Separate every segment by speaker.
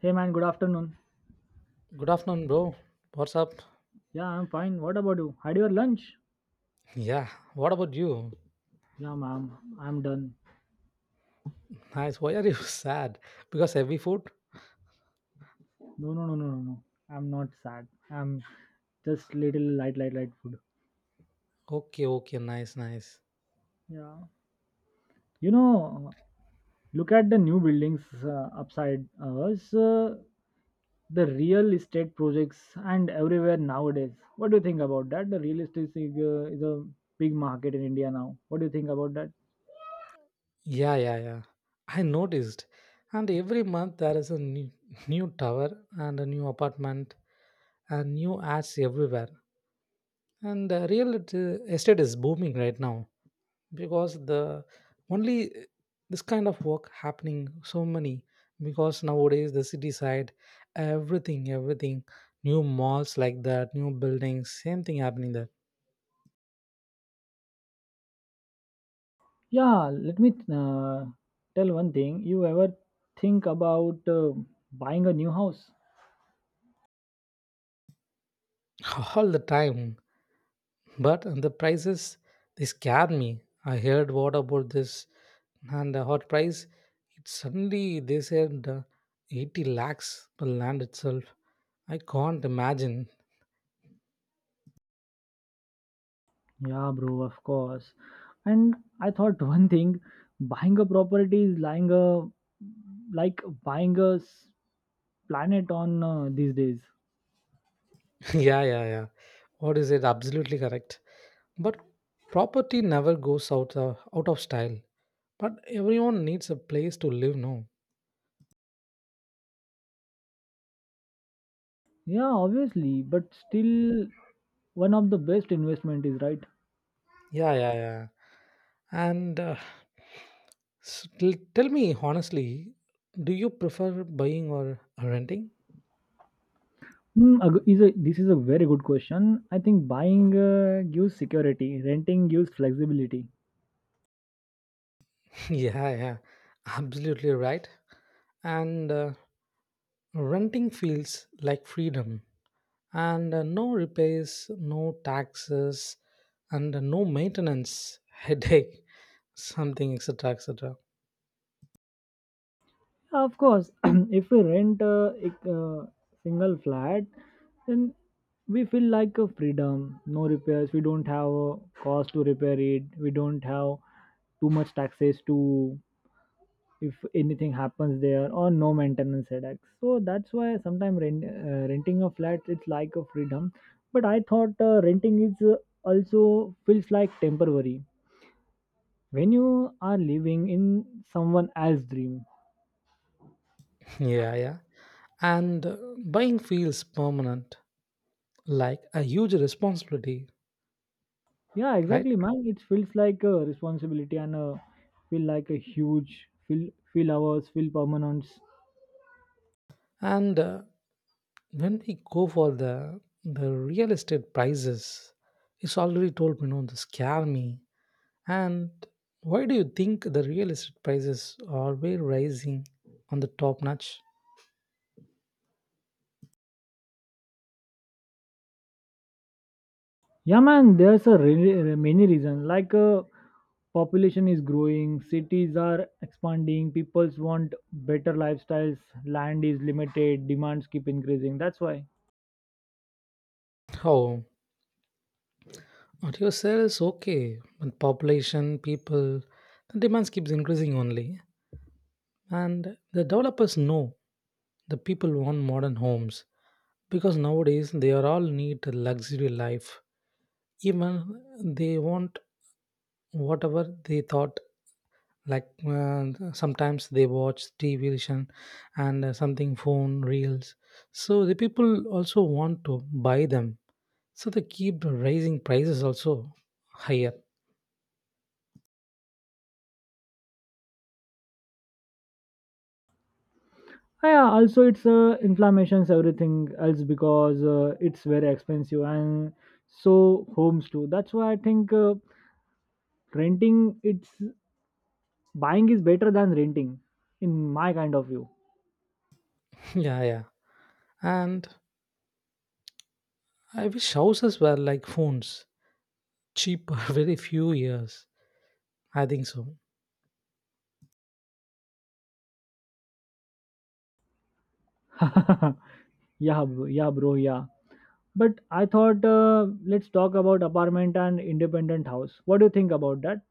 Speaker 1: Hey man, good afternoon.
Speaker 2: Good afternoon, bro. What's up?
Speaker 1: Yeah, I'm fine. What about you? Had your lunch?
Speaker 2: Yeah, what about you?
Speaker 1: Yeah, ma'am. I'm done.
Speaker 2: Nice. Why are you sad? Because heavy food?
Speaker 1: No, no, no, no, no, no. I'm not sad. I'm just little light food.
Speaker 2: Okay, okay, nice, nice.
Speaker 1: Yeah. You know, Look at the new buildings upside us. The real estate projects and everywhere nowadays. What do you think about that? The real estate is a big market in India now. What do you think about that?
Speaker 2: Yeah, yeah, yeah. I noticed. And every month there is a new, new tower and a new apartment and new ads everywhere. And real estate is booming right now. Because the only this kind of work happening so many, because nowadays the city side, everything new malls like that, new buildings, same thing happening there.
Speaker 1: Yeah, let me tell one thing. You ever think about buying a new house?
Speaker 2: All the time, but the prices, they scare me. I heard what about this and the hot price. It suddenly they said 80 lakhs per land itself. I can't imagine.
Speaker 1: Yeah, bro, of course. And I thought one thing, buying a property is lying a like buying a planet on these days.
Speaker 2: Yeah, yeah, yeah. What is it? Absolutely correct. But property never goes out of style. But everyone needs a place to live, no?
Speaker 1: Yeah, obviously, but still one of the best investment is right.
Speaker 2: Yeah, yeah, yeah. And tell me honestly, do you prefer buying or renting?
Speaker 1: This is a very good question. I think buying gives security, renting gives flexibility.
Speaker 2: Yeah, yeah, absolutely right. And renting feels like freedom, and no repairs, no taxes, and no maintenance headache, something etc. etc.
Speaker 1: Of course, if we rent a single flat, then we feel like a freedom. No repairs. We don't have a cost to repair it. We don't have too much taxes to if anything happens there or no maintenance headaches. So that's why sometimes renting a flat it's like a freedom. But I thought renting is also feels like temporary when you are living in someone else's dream.
Speaker 2: Yeah, yeah. And buying feels permanent, like a huge responsibility.
Speaker 1: Yeah,
Speaker 2: Right.
Speaker 1: exactly, man. It feels like a responsibility and feel like a huge feel hours feel permanence.
Speaker 2: And when we go for the real estate prices, it's already told me, you know, to scare me. And why do you think the real estate prices are way rising on the top notch?
Speaker 1: Yeah, man. There's a many reasons. Like population is growing, cities are expanding, people's want better lifestyles, land is limited, demands keep increasing. That's why.
Speaker 2: Oh, what you say is okay, but population, people, the demands keeps increasing only. And the developers know the people want modern homes, because nowadays they are all need luxury life. Even they want whatever they thought, like sometimes they watch television and something phone reels, so the people also want to buy them, so they keep raising prices also higher.
Speaker 1: Ah, yeah, also it's inflammation's everything else because it's very expensive and so homes too. That's why I think renting it's buying is better than renting, in my kind of view.
Speaker 2: Yeah, yeah. And I wish houses were like phones, cheap very few years, I think so.
Speaker 1: Yeah, bro, yeah, bro, yeah. But I thought let's talk about apartment and independent house. What do you think about that?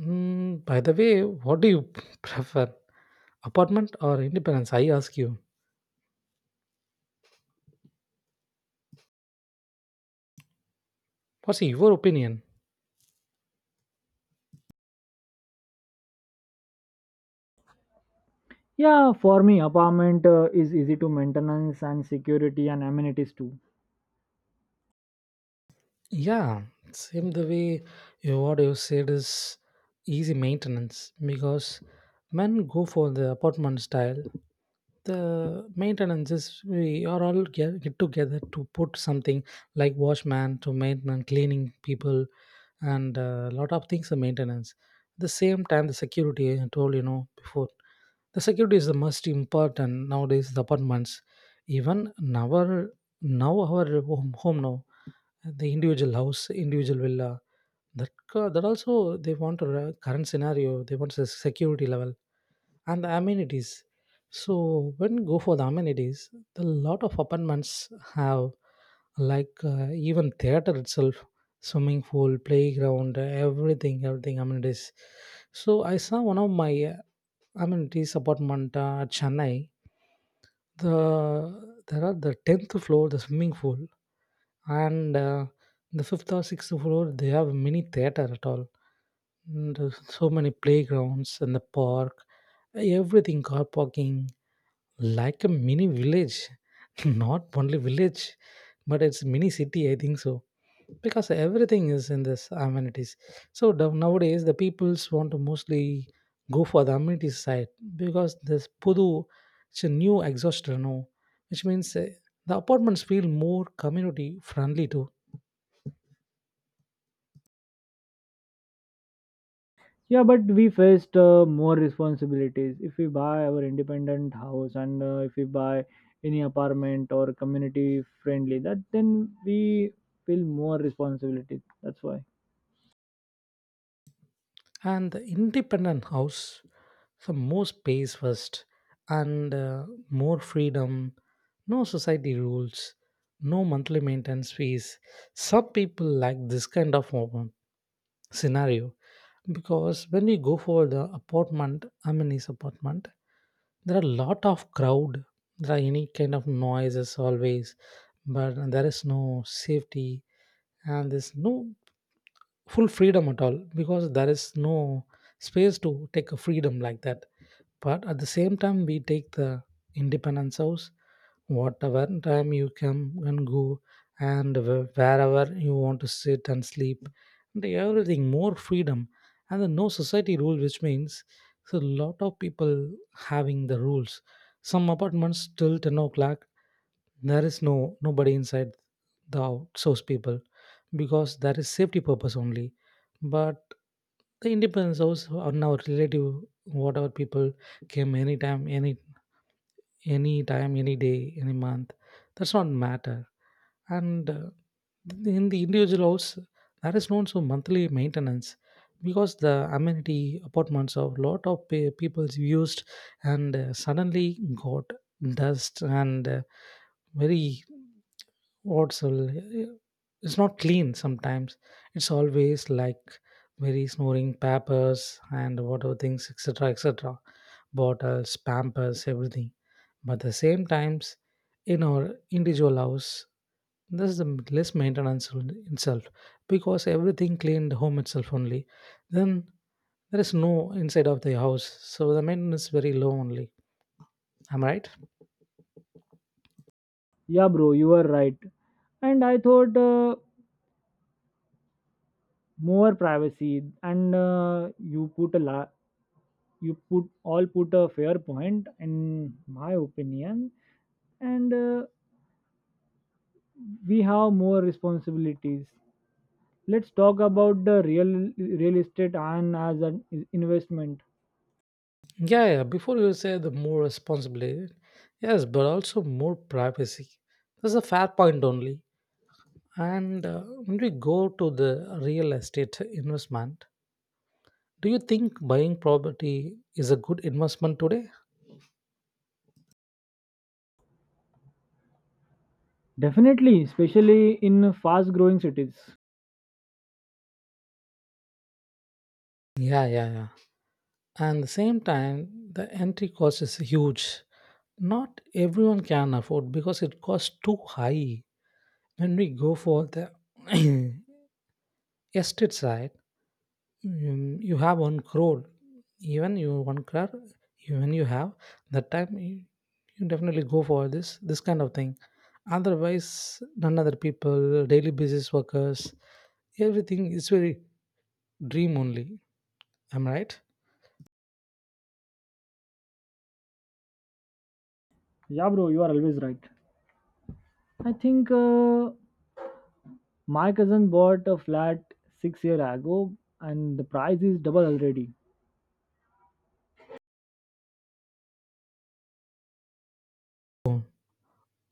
Speaker 2: By the way, what do you prefer? Apartment or independence? I ask you. What's your opinion?
Speaker 1: Yeah, for me, apartment is easy to maintenance and security and amenities too.
Speaker 2: Yeah, same the way. You, what you said is easy maintenance, because men go for the apartment style. The maintenance is we are all get together to put something like washman to maintenance, cleaning people, and a lot of things are maintenance. The same time, the security, I told you know before. The security is the most important nowadays. The apartments, even our now our home, home now, the individual house, individual villa. That that also they want a current scenario. They want the security level and the amenities. So when you go for the amenities, the lot of apartments have, like even theater itself, swimming pool, playground, everything, everything amenities. So I saw one of my amenities apartment at Chennai. The there are the tenth floor, the swimming pool, and the fifth or sixth floor they have mini theater at all. And there's so many playgrounds and the park, everything car parking. Like a mini village, not only village, but it's mini city, I think so, because everything is in this amenities. So nowadays the peoples want to mostly go for the amenities side, because this Pudu, it's a new exhaust, you know, which means the apartments feel more community friendly too.
Speaker 1: Yeah, but we faced more responsibilities if we buy our independent house and if we buy any apartment or community friendly. That then we feel more responsibility. That's why.
Speaker 2: And the independent house, so more space first, and more freedom, no society rules, no monthly maintenance fees. Some people like this kind of scenario, because when you go for the apartment, I mean his apartment, there are a lot of crowd, there are any kind of noises always, but there is no safety, and there's no full freedom at all, because there is no space to take a freedom like that. But at the same time, we take the independence house, whatever time you come and go, and wherever you want to sit and sleep, and everything more freedom. And the no society rule, which means so a lot of people having the rules. Some apartments till 10 o'clock there is no nobody inside, the outsource people, because that is safety purpose only. But the independence house, on our relative whatever people came anytime, any time any day any month, that's not matter. And in the individual house, that is known so monthly maintenance, because the amenity apartments of lot of people's used, and suddenly got dust and very, what's all, it's not clean sometimes, it's always like very snoring papers and whatever things etc etc, bottles pampers everything. But at the same times, in our individual house, this is the less maintenance on itself, because everything cleaned home itself only. Then there is no inside of the house, so the maintenance is very low only. Am I right?
Speaker 1: Yeah, bro, you are right. And I thought more privacy, and you put all put a fair point in my opinion, and we have more responsibilities. Let's talk about the real estate and as an investment.
Speaker 2: Yeah, yeah. Before you say the more responsibility, yes, but also more privacy. That's a fair point only. And when we go to the real estate investment, do you think buying property is a good investment today?
Speaker 1: Definitely, especially in fast growing cities.
Speaker 2: Yeah, yeah, yeah. And the same time, the entry cost is huge. Not everyone can afford because it costs too high. When we go for the estate side, you have one crore, even you one crore, even you have, that time you, you definitely go for this kind of thing. Otherwise none other people, daily business workers, everything is very dream only. Am I right?
Speaker 1: Yeah, bro, you are always right. I think. My cousin bought a flat 6 year ago and the price is double already.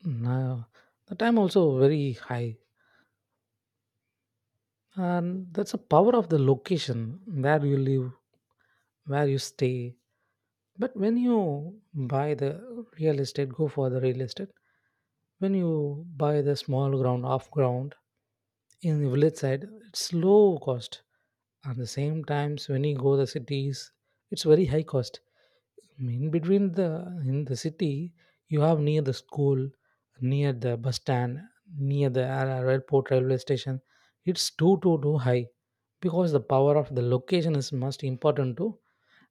Speaker 2: No, the time also very high, and that's the power of the location where you live, where you stay. But when you buy the real estate, go for the real estate. When you buy the small ground, off ground, in the village side, it's low cost. At the same times, when you go the cities, it's very high cost. In between the in the city, you have near the school, near the bus stand, near the airport, railway station. It's too too too high, because the power of the location is most important to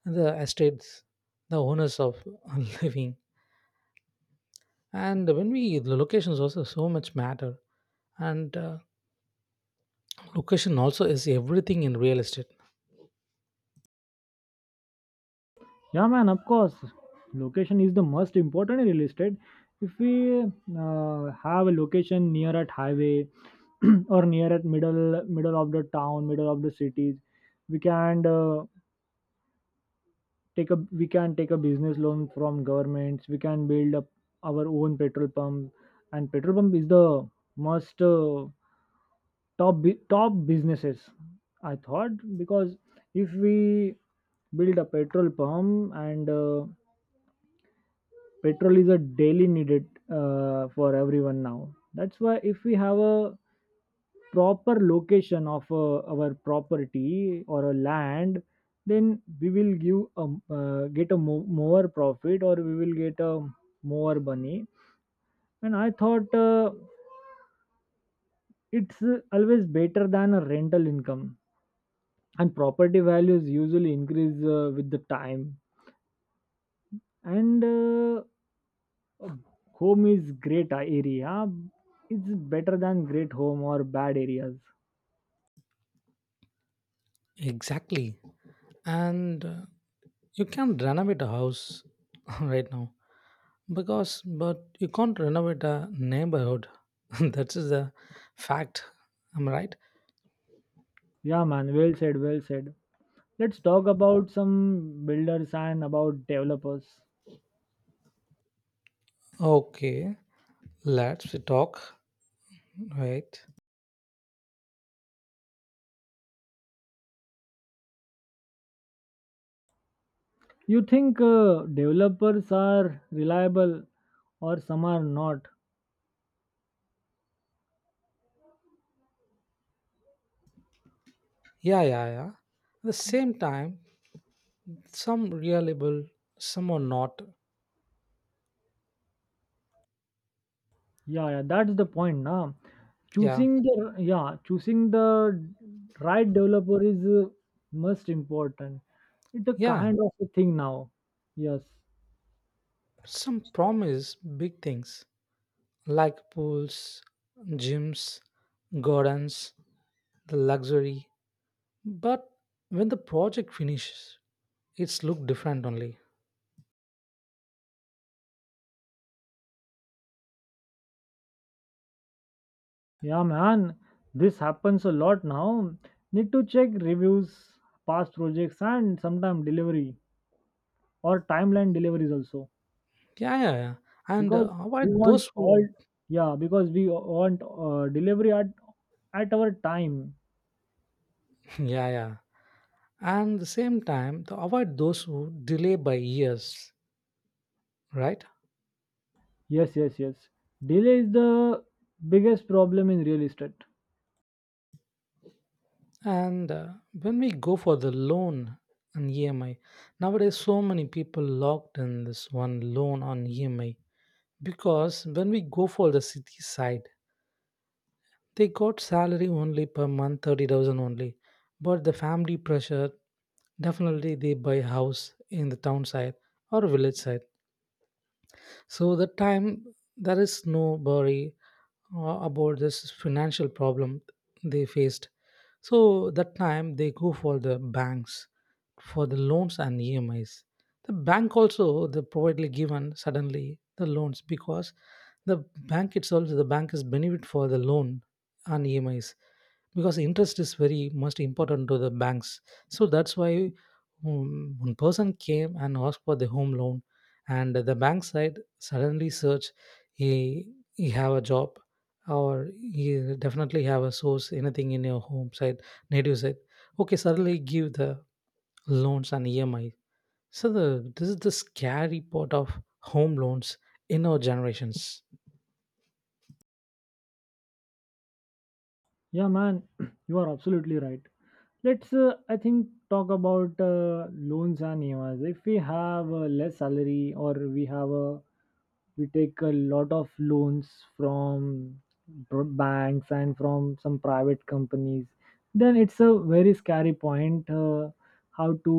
Speaker 2: the estates, the owners of living. And when we the locations also so much matter, and location also is everything in real estate.
Speaker 1: Yeah, man, of course. Location is the most important in real estate. If we have a location near at highway or near at middle of the town, middle of the cities, we can take a we can take a business loan from governments. We can build up our own petrol pump, and petrol pump is the most top top businesses I thought, because if we build a petrol pump and petrol is a daily needed for everyone now. That's why if we have a proper location of our property or a land, then we will get a more profit, or we will get a more money. And I thought it's always better than a rental income, and property values usually increase with the time. And home is great area. It's better than great home or bad areas.
Speaker 2: Exactly, and you can't renovate a house right now, because, but you can't renovate a neighborhood. That is the fact. I'm right.
Speaker 1: Yeah, man, well said, well said. Let's talk about some builders and about developers.
Speaker 2: Okay, let's talk. Right.
Speaker 1: You think developers are reliable or some are not?
Speaker 2: Yeah, yeah, yeah. At the same time, some reliable, some are not.
Speaker 1: Yeah, yeah, that's the point, na.
Speaker 2: Yeah.
Speaker 1: Choosing the Yeah, choosing the right developer is most important. It's a
Speaker 2: Yeah,
Speaker 1: kind of a thing now. Yes.
Speaker 2: some promise big things like pools, gyms, gardens, the luxury. But when the project finishes, it's look different only.
Speaker 1: Yeah, man, this happens a lot now. Need to check reviews, past projects, and sometimes delivery or timeline deliveries also.
Speaker 2: Yeah, yeah, yeah. And
Speaker 1: Because we
Speaker 2: avoid
Speaker 1: want
Speaker 2: those
Speaker 1: all
Speaker 2: who,
Speaker 1: Yeah, because we want delivery at our time.
Speaker 2: yeah, yeah. And the same time, to avoid those who delay by years, right?
Speaker 1: Yes, yes, yes, delay is the biggest problem in real estate.
Speaker 2: And when we go for the loan on EMI, nowadays so many people locked in this one loan on EMI, because when we go for the city side they got salary only per month 30,000 only. But the family pressure, definitely they buy house in the town side or village side. So that time there is no worry about this financial problem they faced. So that time they go for the banks for the loans and EMIs. The bank also, they providedly given suddenly the loans, because the bank itself, the bank is benefit for the loan and EMIs, because interest is very most important to the banks. So that's why one person came and asked for the home loan, and the bank side suddenly search, he he have a job, or you definitely have a source anything in your home side, native side, okay, suddenly give the loans and EMI. So the this is the scary part of home loans in our generations.
Speaker 1: Yeah, man, you are absolutely right. Let's I think talk about loans and emis if we have less salary, or we have a we take a lot of loans from banks and from some private companies. Then it's a very scary point how to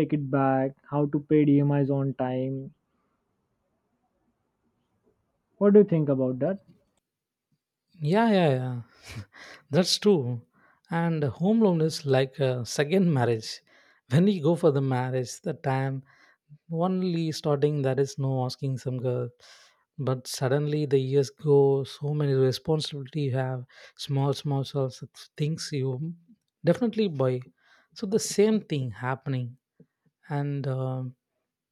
Speaker 1: take it back, how to pay emis on time. What do you think about that?
Speaker 2: Yeah, yeah, yeah, that's true. And home loan is like a second marriage. When you go for the marriage the time, only starting there is no asking some girl, but suddenly the years go so many responsibility you have, small things you definitely buy. So the same thing happening. And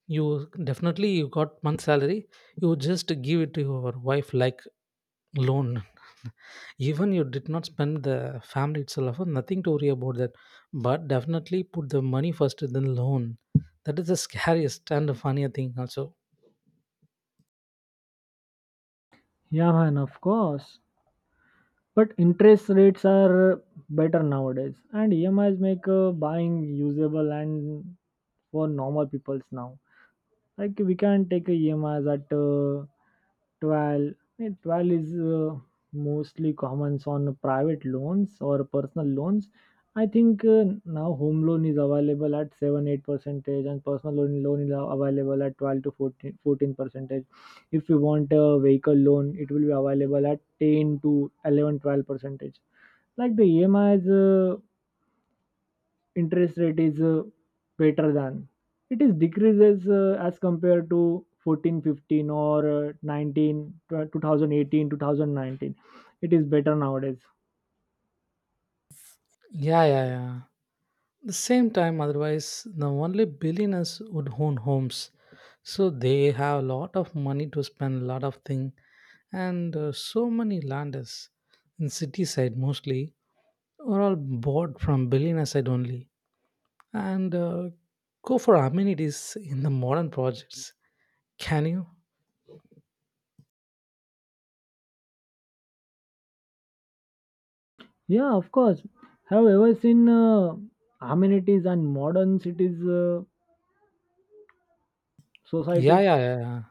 Speaker 2: you definitely you got month salary, you just give it to your wife like loan. Even you did not spend the family itself nothing to worry about that. But definitely put the money first then loan. That is the scariest and the funnier thing also.
Speaker 1: Yeah, man, of course. But interest rates are better nowadays, and EMIs make buying usable and for normal peoples now. Like we can't take a EMIs at 12. 12 is mostly common on private loans or personal loans. I think now home loan is available at 7 8 percentage, and personal loan is available at 12 to fourteen percentage. If you want a vehicle loan, it will be available at 10 to 11 12 percentage like the EMIs interest rate is better than it is decreases as compared to 14, 15, or 19 2018. It is better nowadays.
Speaker 2: Yeah, yeah, yeah. The same time, otherwise, the only billionaires would own homes. So they have a lot of money to spend, a lot of thing, and so many landers in city side mostly are all bought from billionaire side only, and go for amenities in the modern projects. Can you?
Speaker 1: Yeah, of course. Have you ever seen amenities and modern cities
Speaker 2: Yeah,
Speaker 1: societies?
Speaker 2: yeah, yeah. Yeah.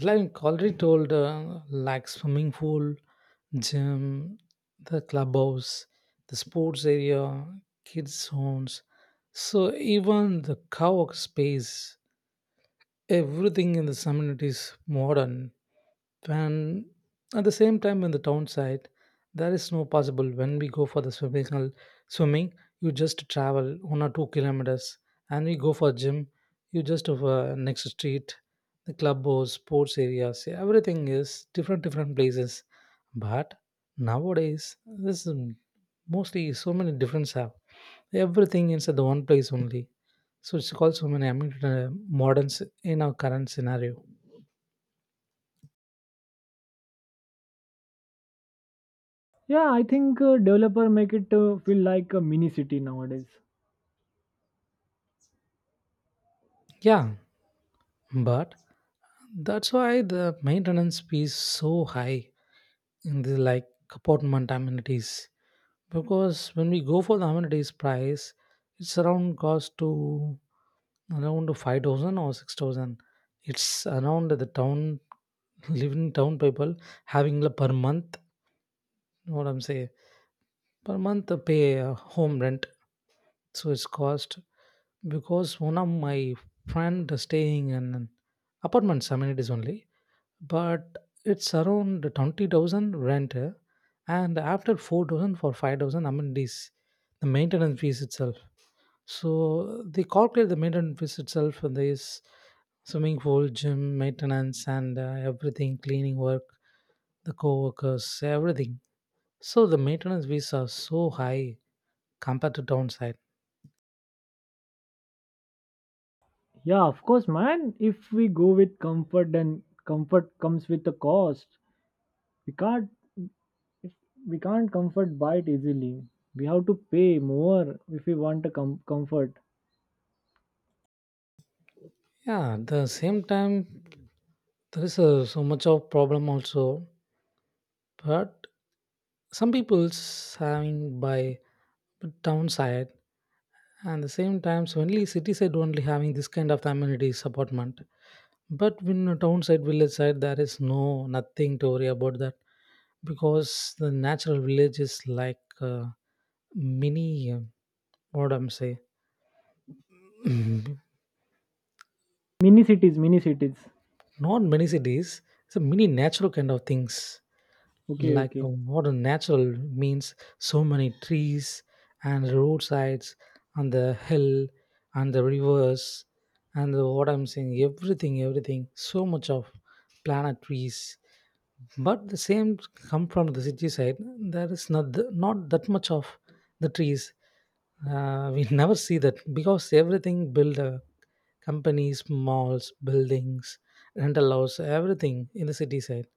Speaker 2: Like already told, like swimming pool, gym, the clubhouse, the sports area, kids zones, so even the co-work space, everything in the summit is modern, and at the same time, in the town side, there is no possible. When we go for the swimming hall, swimming, you just travel 1 or 2 kilometers, and we go for gym, you just over next street. The club or sports areas, everything is different, different places. But nowadays, this is mostly so many difference have everything inside the one place only. So it's called so many, I mean, moderns in our current scenario.
Speaker 1: Yeah, I think developer make it feel like a mini city nowadays.
Speaker 2: Yeah, but that's why the maintenance fee is so high in the like apartment amenities. Because when we go for the amenities price, it's around cost to around to 5,000 or 6,000. It's around the town living town people having the per month. What I'm saying? Per month pay home rent, so it's cost because one of my friend staying in an apartments amenities only, but it's around 20,000 rent, eh, and after 4,000 for 5,000 amenities, the maintenance fees itself. So they calculate the maintenance fees itself for this swimming pool, gym, maintenance, and everything, cleaning work, the co-workers, everything. So the maintenance fees are so high compared to downside.
Speaker 1: Yeah, of course, man, if we go with comfort then comfort comes with the cost. We can't If we can't comfort buy it easily, we have to pay more if we want a comfort.
Speaker 2: Yeah, at the same time, there is a so much of problem also, but some people's having by. But downside, and the same times only city side only having this kind of amenities apartment. But when a town side, village side, there is no nothing to worry about that, because the natural village is like mini. What I'm say, not
Speaker 1: Mini cities, mini cities.
Speaker 2: many cities. It's a mini natural kind of things.
Speaker 1: Okay,
Speaker 2: Like a
Speaker 1: okay.
Speaker 2: modern natural means so many trees, and roadsides, and the hill, and the rivers, and the, what I'm saying, everything, everything, so much of planet trees. But the same come from the city side, there is not not that much of the trees. We never see that, because everything build companies, malls, buildings, rental house, everything in the city side.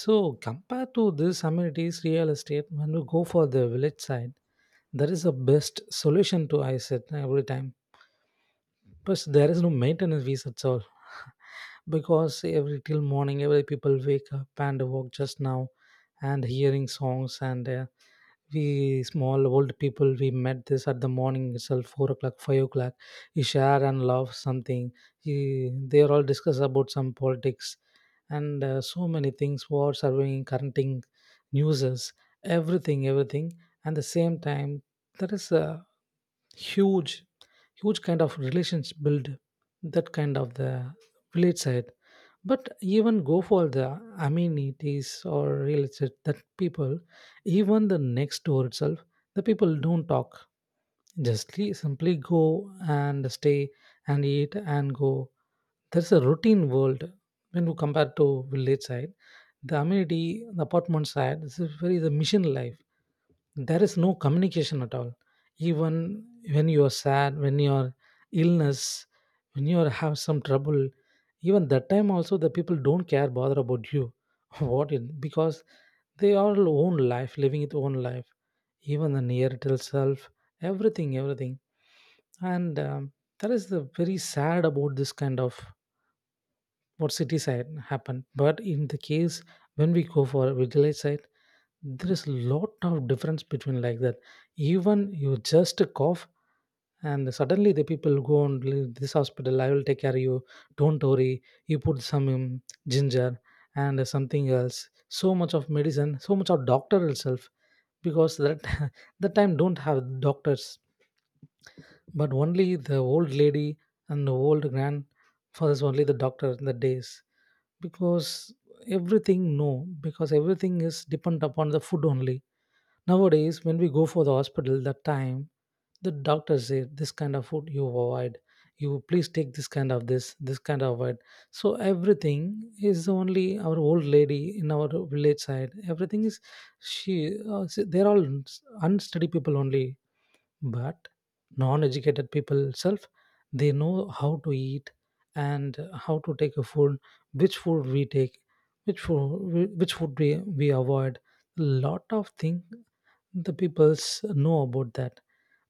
Speaker 2: So, compared to this amenities real estate, when we go for the village side, that is the best solution to I said every time, but there is no maintenance fees at all. Because every till morning, every people wake up and walk just now and hearing songs. And we small old people, we met this at the morning itself, 4 o'clock, 5 o'clock. He share and love something. He, they are all discuss about some politics and so many things, war, surveying, currenting, newses, everything, everything. And the same time, there is a huge, huge kind of relations build that kind of the village side. But even go for the amenities or real estate, that people, even the next door itself, the people don't talk, just simply go and stay and eat and go. There's a routine world when you compare to village side. The amenity, the apartment side, this is very the mission life, there is no communication at all. Even when you are sad, when you are illness, when you are have some trouble, even that time also the people don't care bother about you. What it, because they are own life living its own life, even the near itself, everything, everything. And that is the very sad about this kind of what city side happen. But in the case when we go for a village side, there is a lot of difference between like that. Even you just cough, and suddenly the people go and leave this hospital. I will take care of you, don't worry. You put some ginger and something else, so much of medicine, so much of doctor itself. Because that, that time don't have doctors, but only the old lady and the old grandfathers only the doctor in the days, because everything no, because everything is dependent upon the food only. Nowadays, when we go for the hospital, that time the doctor say this kind of food you avoid. You please take this kind of this, this kind of it. So everything is only our old lady in our village side. Everything is she. They're all unsteady people only, but non-educated people self. They know how to eat and how to take a food. Which food we take, which food, which food we avoid. Lot of thing the peoples know about that.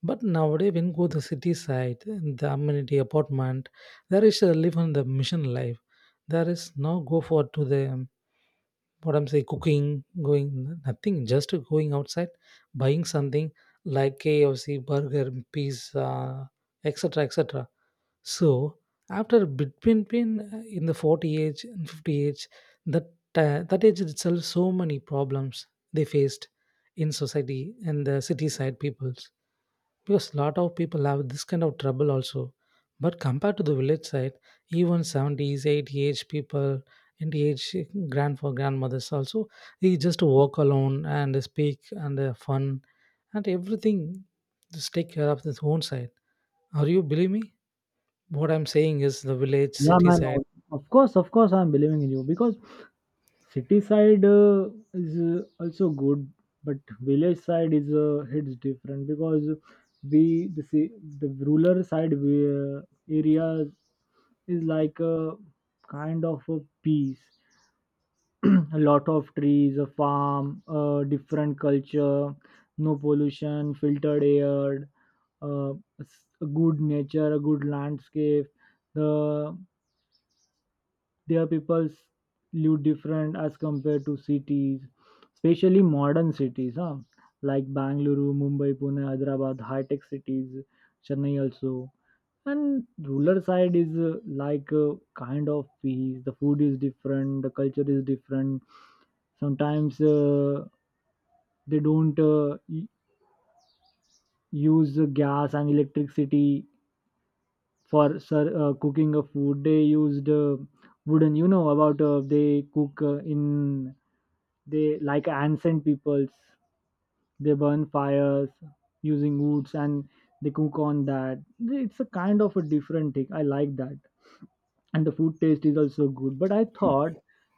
Speaker 2: But nowadays, when go the city side, the amenity apartment, there is a live on the mission life. There is no go for to the, what I'm saying, cooking going, nothing, just going outside, buying something like KFC, burger, pizza, etc, etc. So after between been in the 40 age and 50 age, that that age itself, so many problems they faced in society and the city side peoples, because a lot of people have this kind of trouble also. But compared to the village side, even 70s, 80 age people, 90 age grand for grandmothers also, they just walk alone and speak and fun and everything. Just take care of this own side. Are you believe me? What I'm saying is the village
Speaker 1: Yeah,
Speaker 2: city
Speaker 1: man,
Speaker 2: side.
Speaker 1: of course, of course, I'm believing in you because city side is also good, but village side is it's different. Because we the ci- the rural side areas is like a kind of a peace. A lot of trees, a farm, a different culture, no pollution, filtered air, uh, a good nature, a good landscape. The their people live different as compared to cities, especially modern cities, huh? Like Bangalore, Mumbai, Pune, Hyderabad, high tech cities, Chennai also. And rural side is like kind of peace. The food is different, the culture is different. Sometimes they don't use gas and electricity for cooking of food. They used wooden. You know about they cook in, they like ancient peoples. They burn fires using woods and they cook on that. It's a kind of a different thing, I like that. And the food taste is also good. But I thought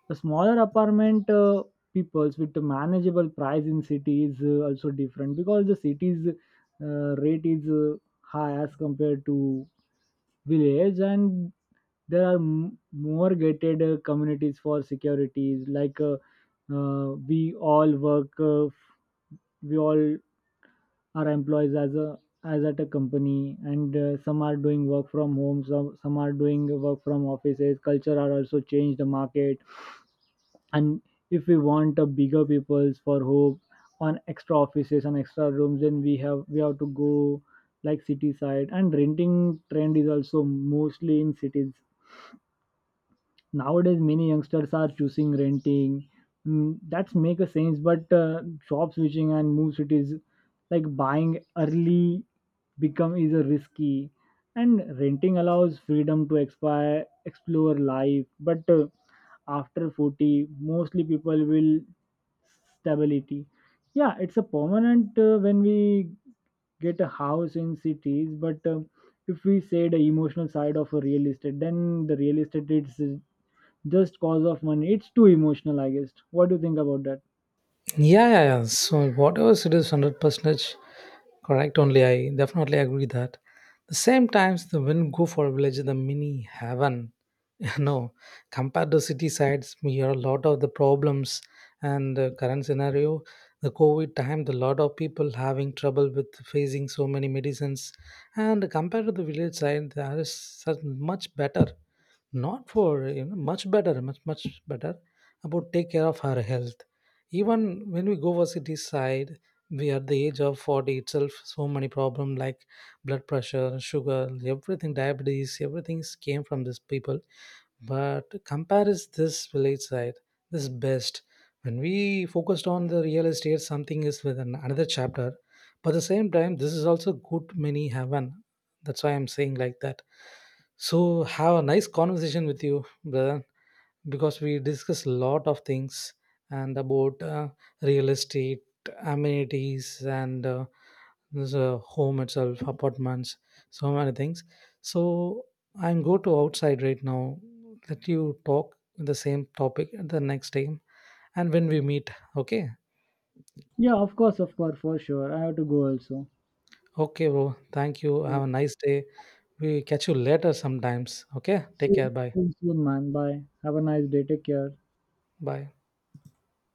Speaker 1: a smaller apartment peoples with a manageable price in city is also different because the city's rate is high as compared to village. And there are more gated communities for securities like we all work we all are employees as at a company. And some are doing work from home, some are doing work from offices. Culture are also change the market. And if we want a bigger peoples for hope on extra offices and extra rooms, then we have to go like city side. And renting trend is also mostly in cities. Nowadays many youngsters are choosing renting. That's make a sense, but job switching and move cities like buying early become is a risky. And renting allows freedom to expire explore life, but after 40 mostly people will stability. Yeah, it's a permanent when we get a house in cities. But if we say the emotional side of a real estate, then the real estate is just cause of money. It's too emotional, I guess. What do you think about that?
Speaker 2: Yeah, yeah, yeah. So whatever it is, 100% correct. Only I definitely agree that. The same times, the when go for a village, the mini heaven. You know, compared to city sides, we hear a lot of the problems, and the current scenario, the COVID time, the lot of people having trouble with facing so many medicines. And compared to the village side, there is such much better, not for you know, much better, much much better about take care of her health. Even when we go for city side, we at the age of 40 itself, so many problem like blood pressure, sugar, everything, diabetes, everything came from these people. But compare is this village side, this is best. When we focused on the real estate, something is with an, another chapter, but at the same time, this is also good, many heaven. That's why I'm saying like that. So, have a nice conversation with you, brother, because we discuss a lot of things, and about real estate, amenities, and this home itself, apartments, so many things. So I'm go to outside right now. Let you talk the same topic at the next time, and when we meet, okay.
Speaker 1: Yeah, of course, for sure. I have to go also.
Speaker 2: Okay, bro. Thank you.
Speaker 1: Yeah.
Speaker 2: Have a nice day. We catch you later sometimes. Okay. Take
Speaker 1: See
Speaker 2: care. Bye.
Speaker 1: you soon, man. Bye. Have a nice day. Take care.
Speaker 2: Bye.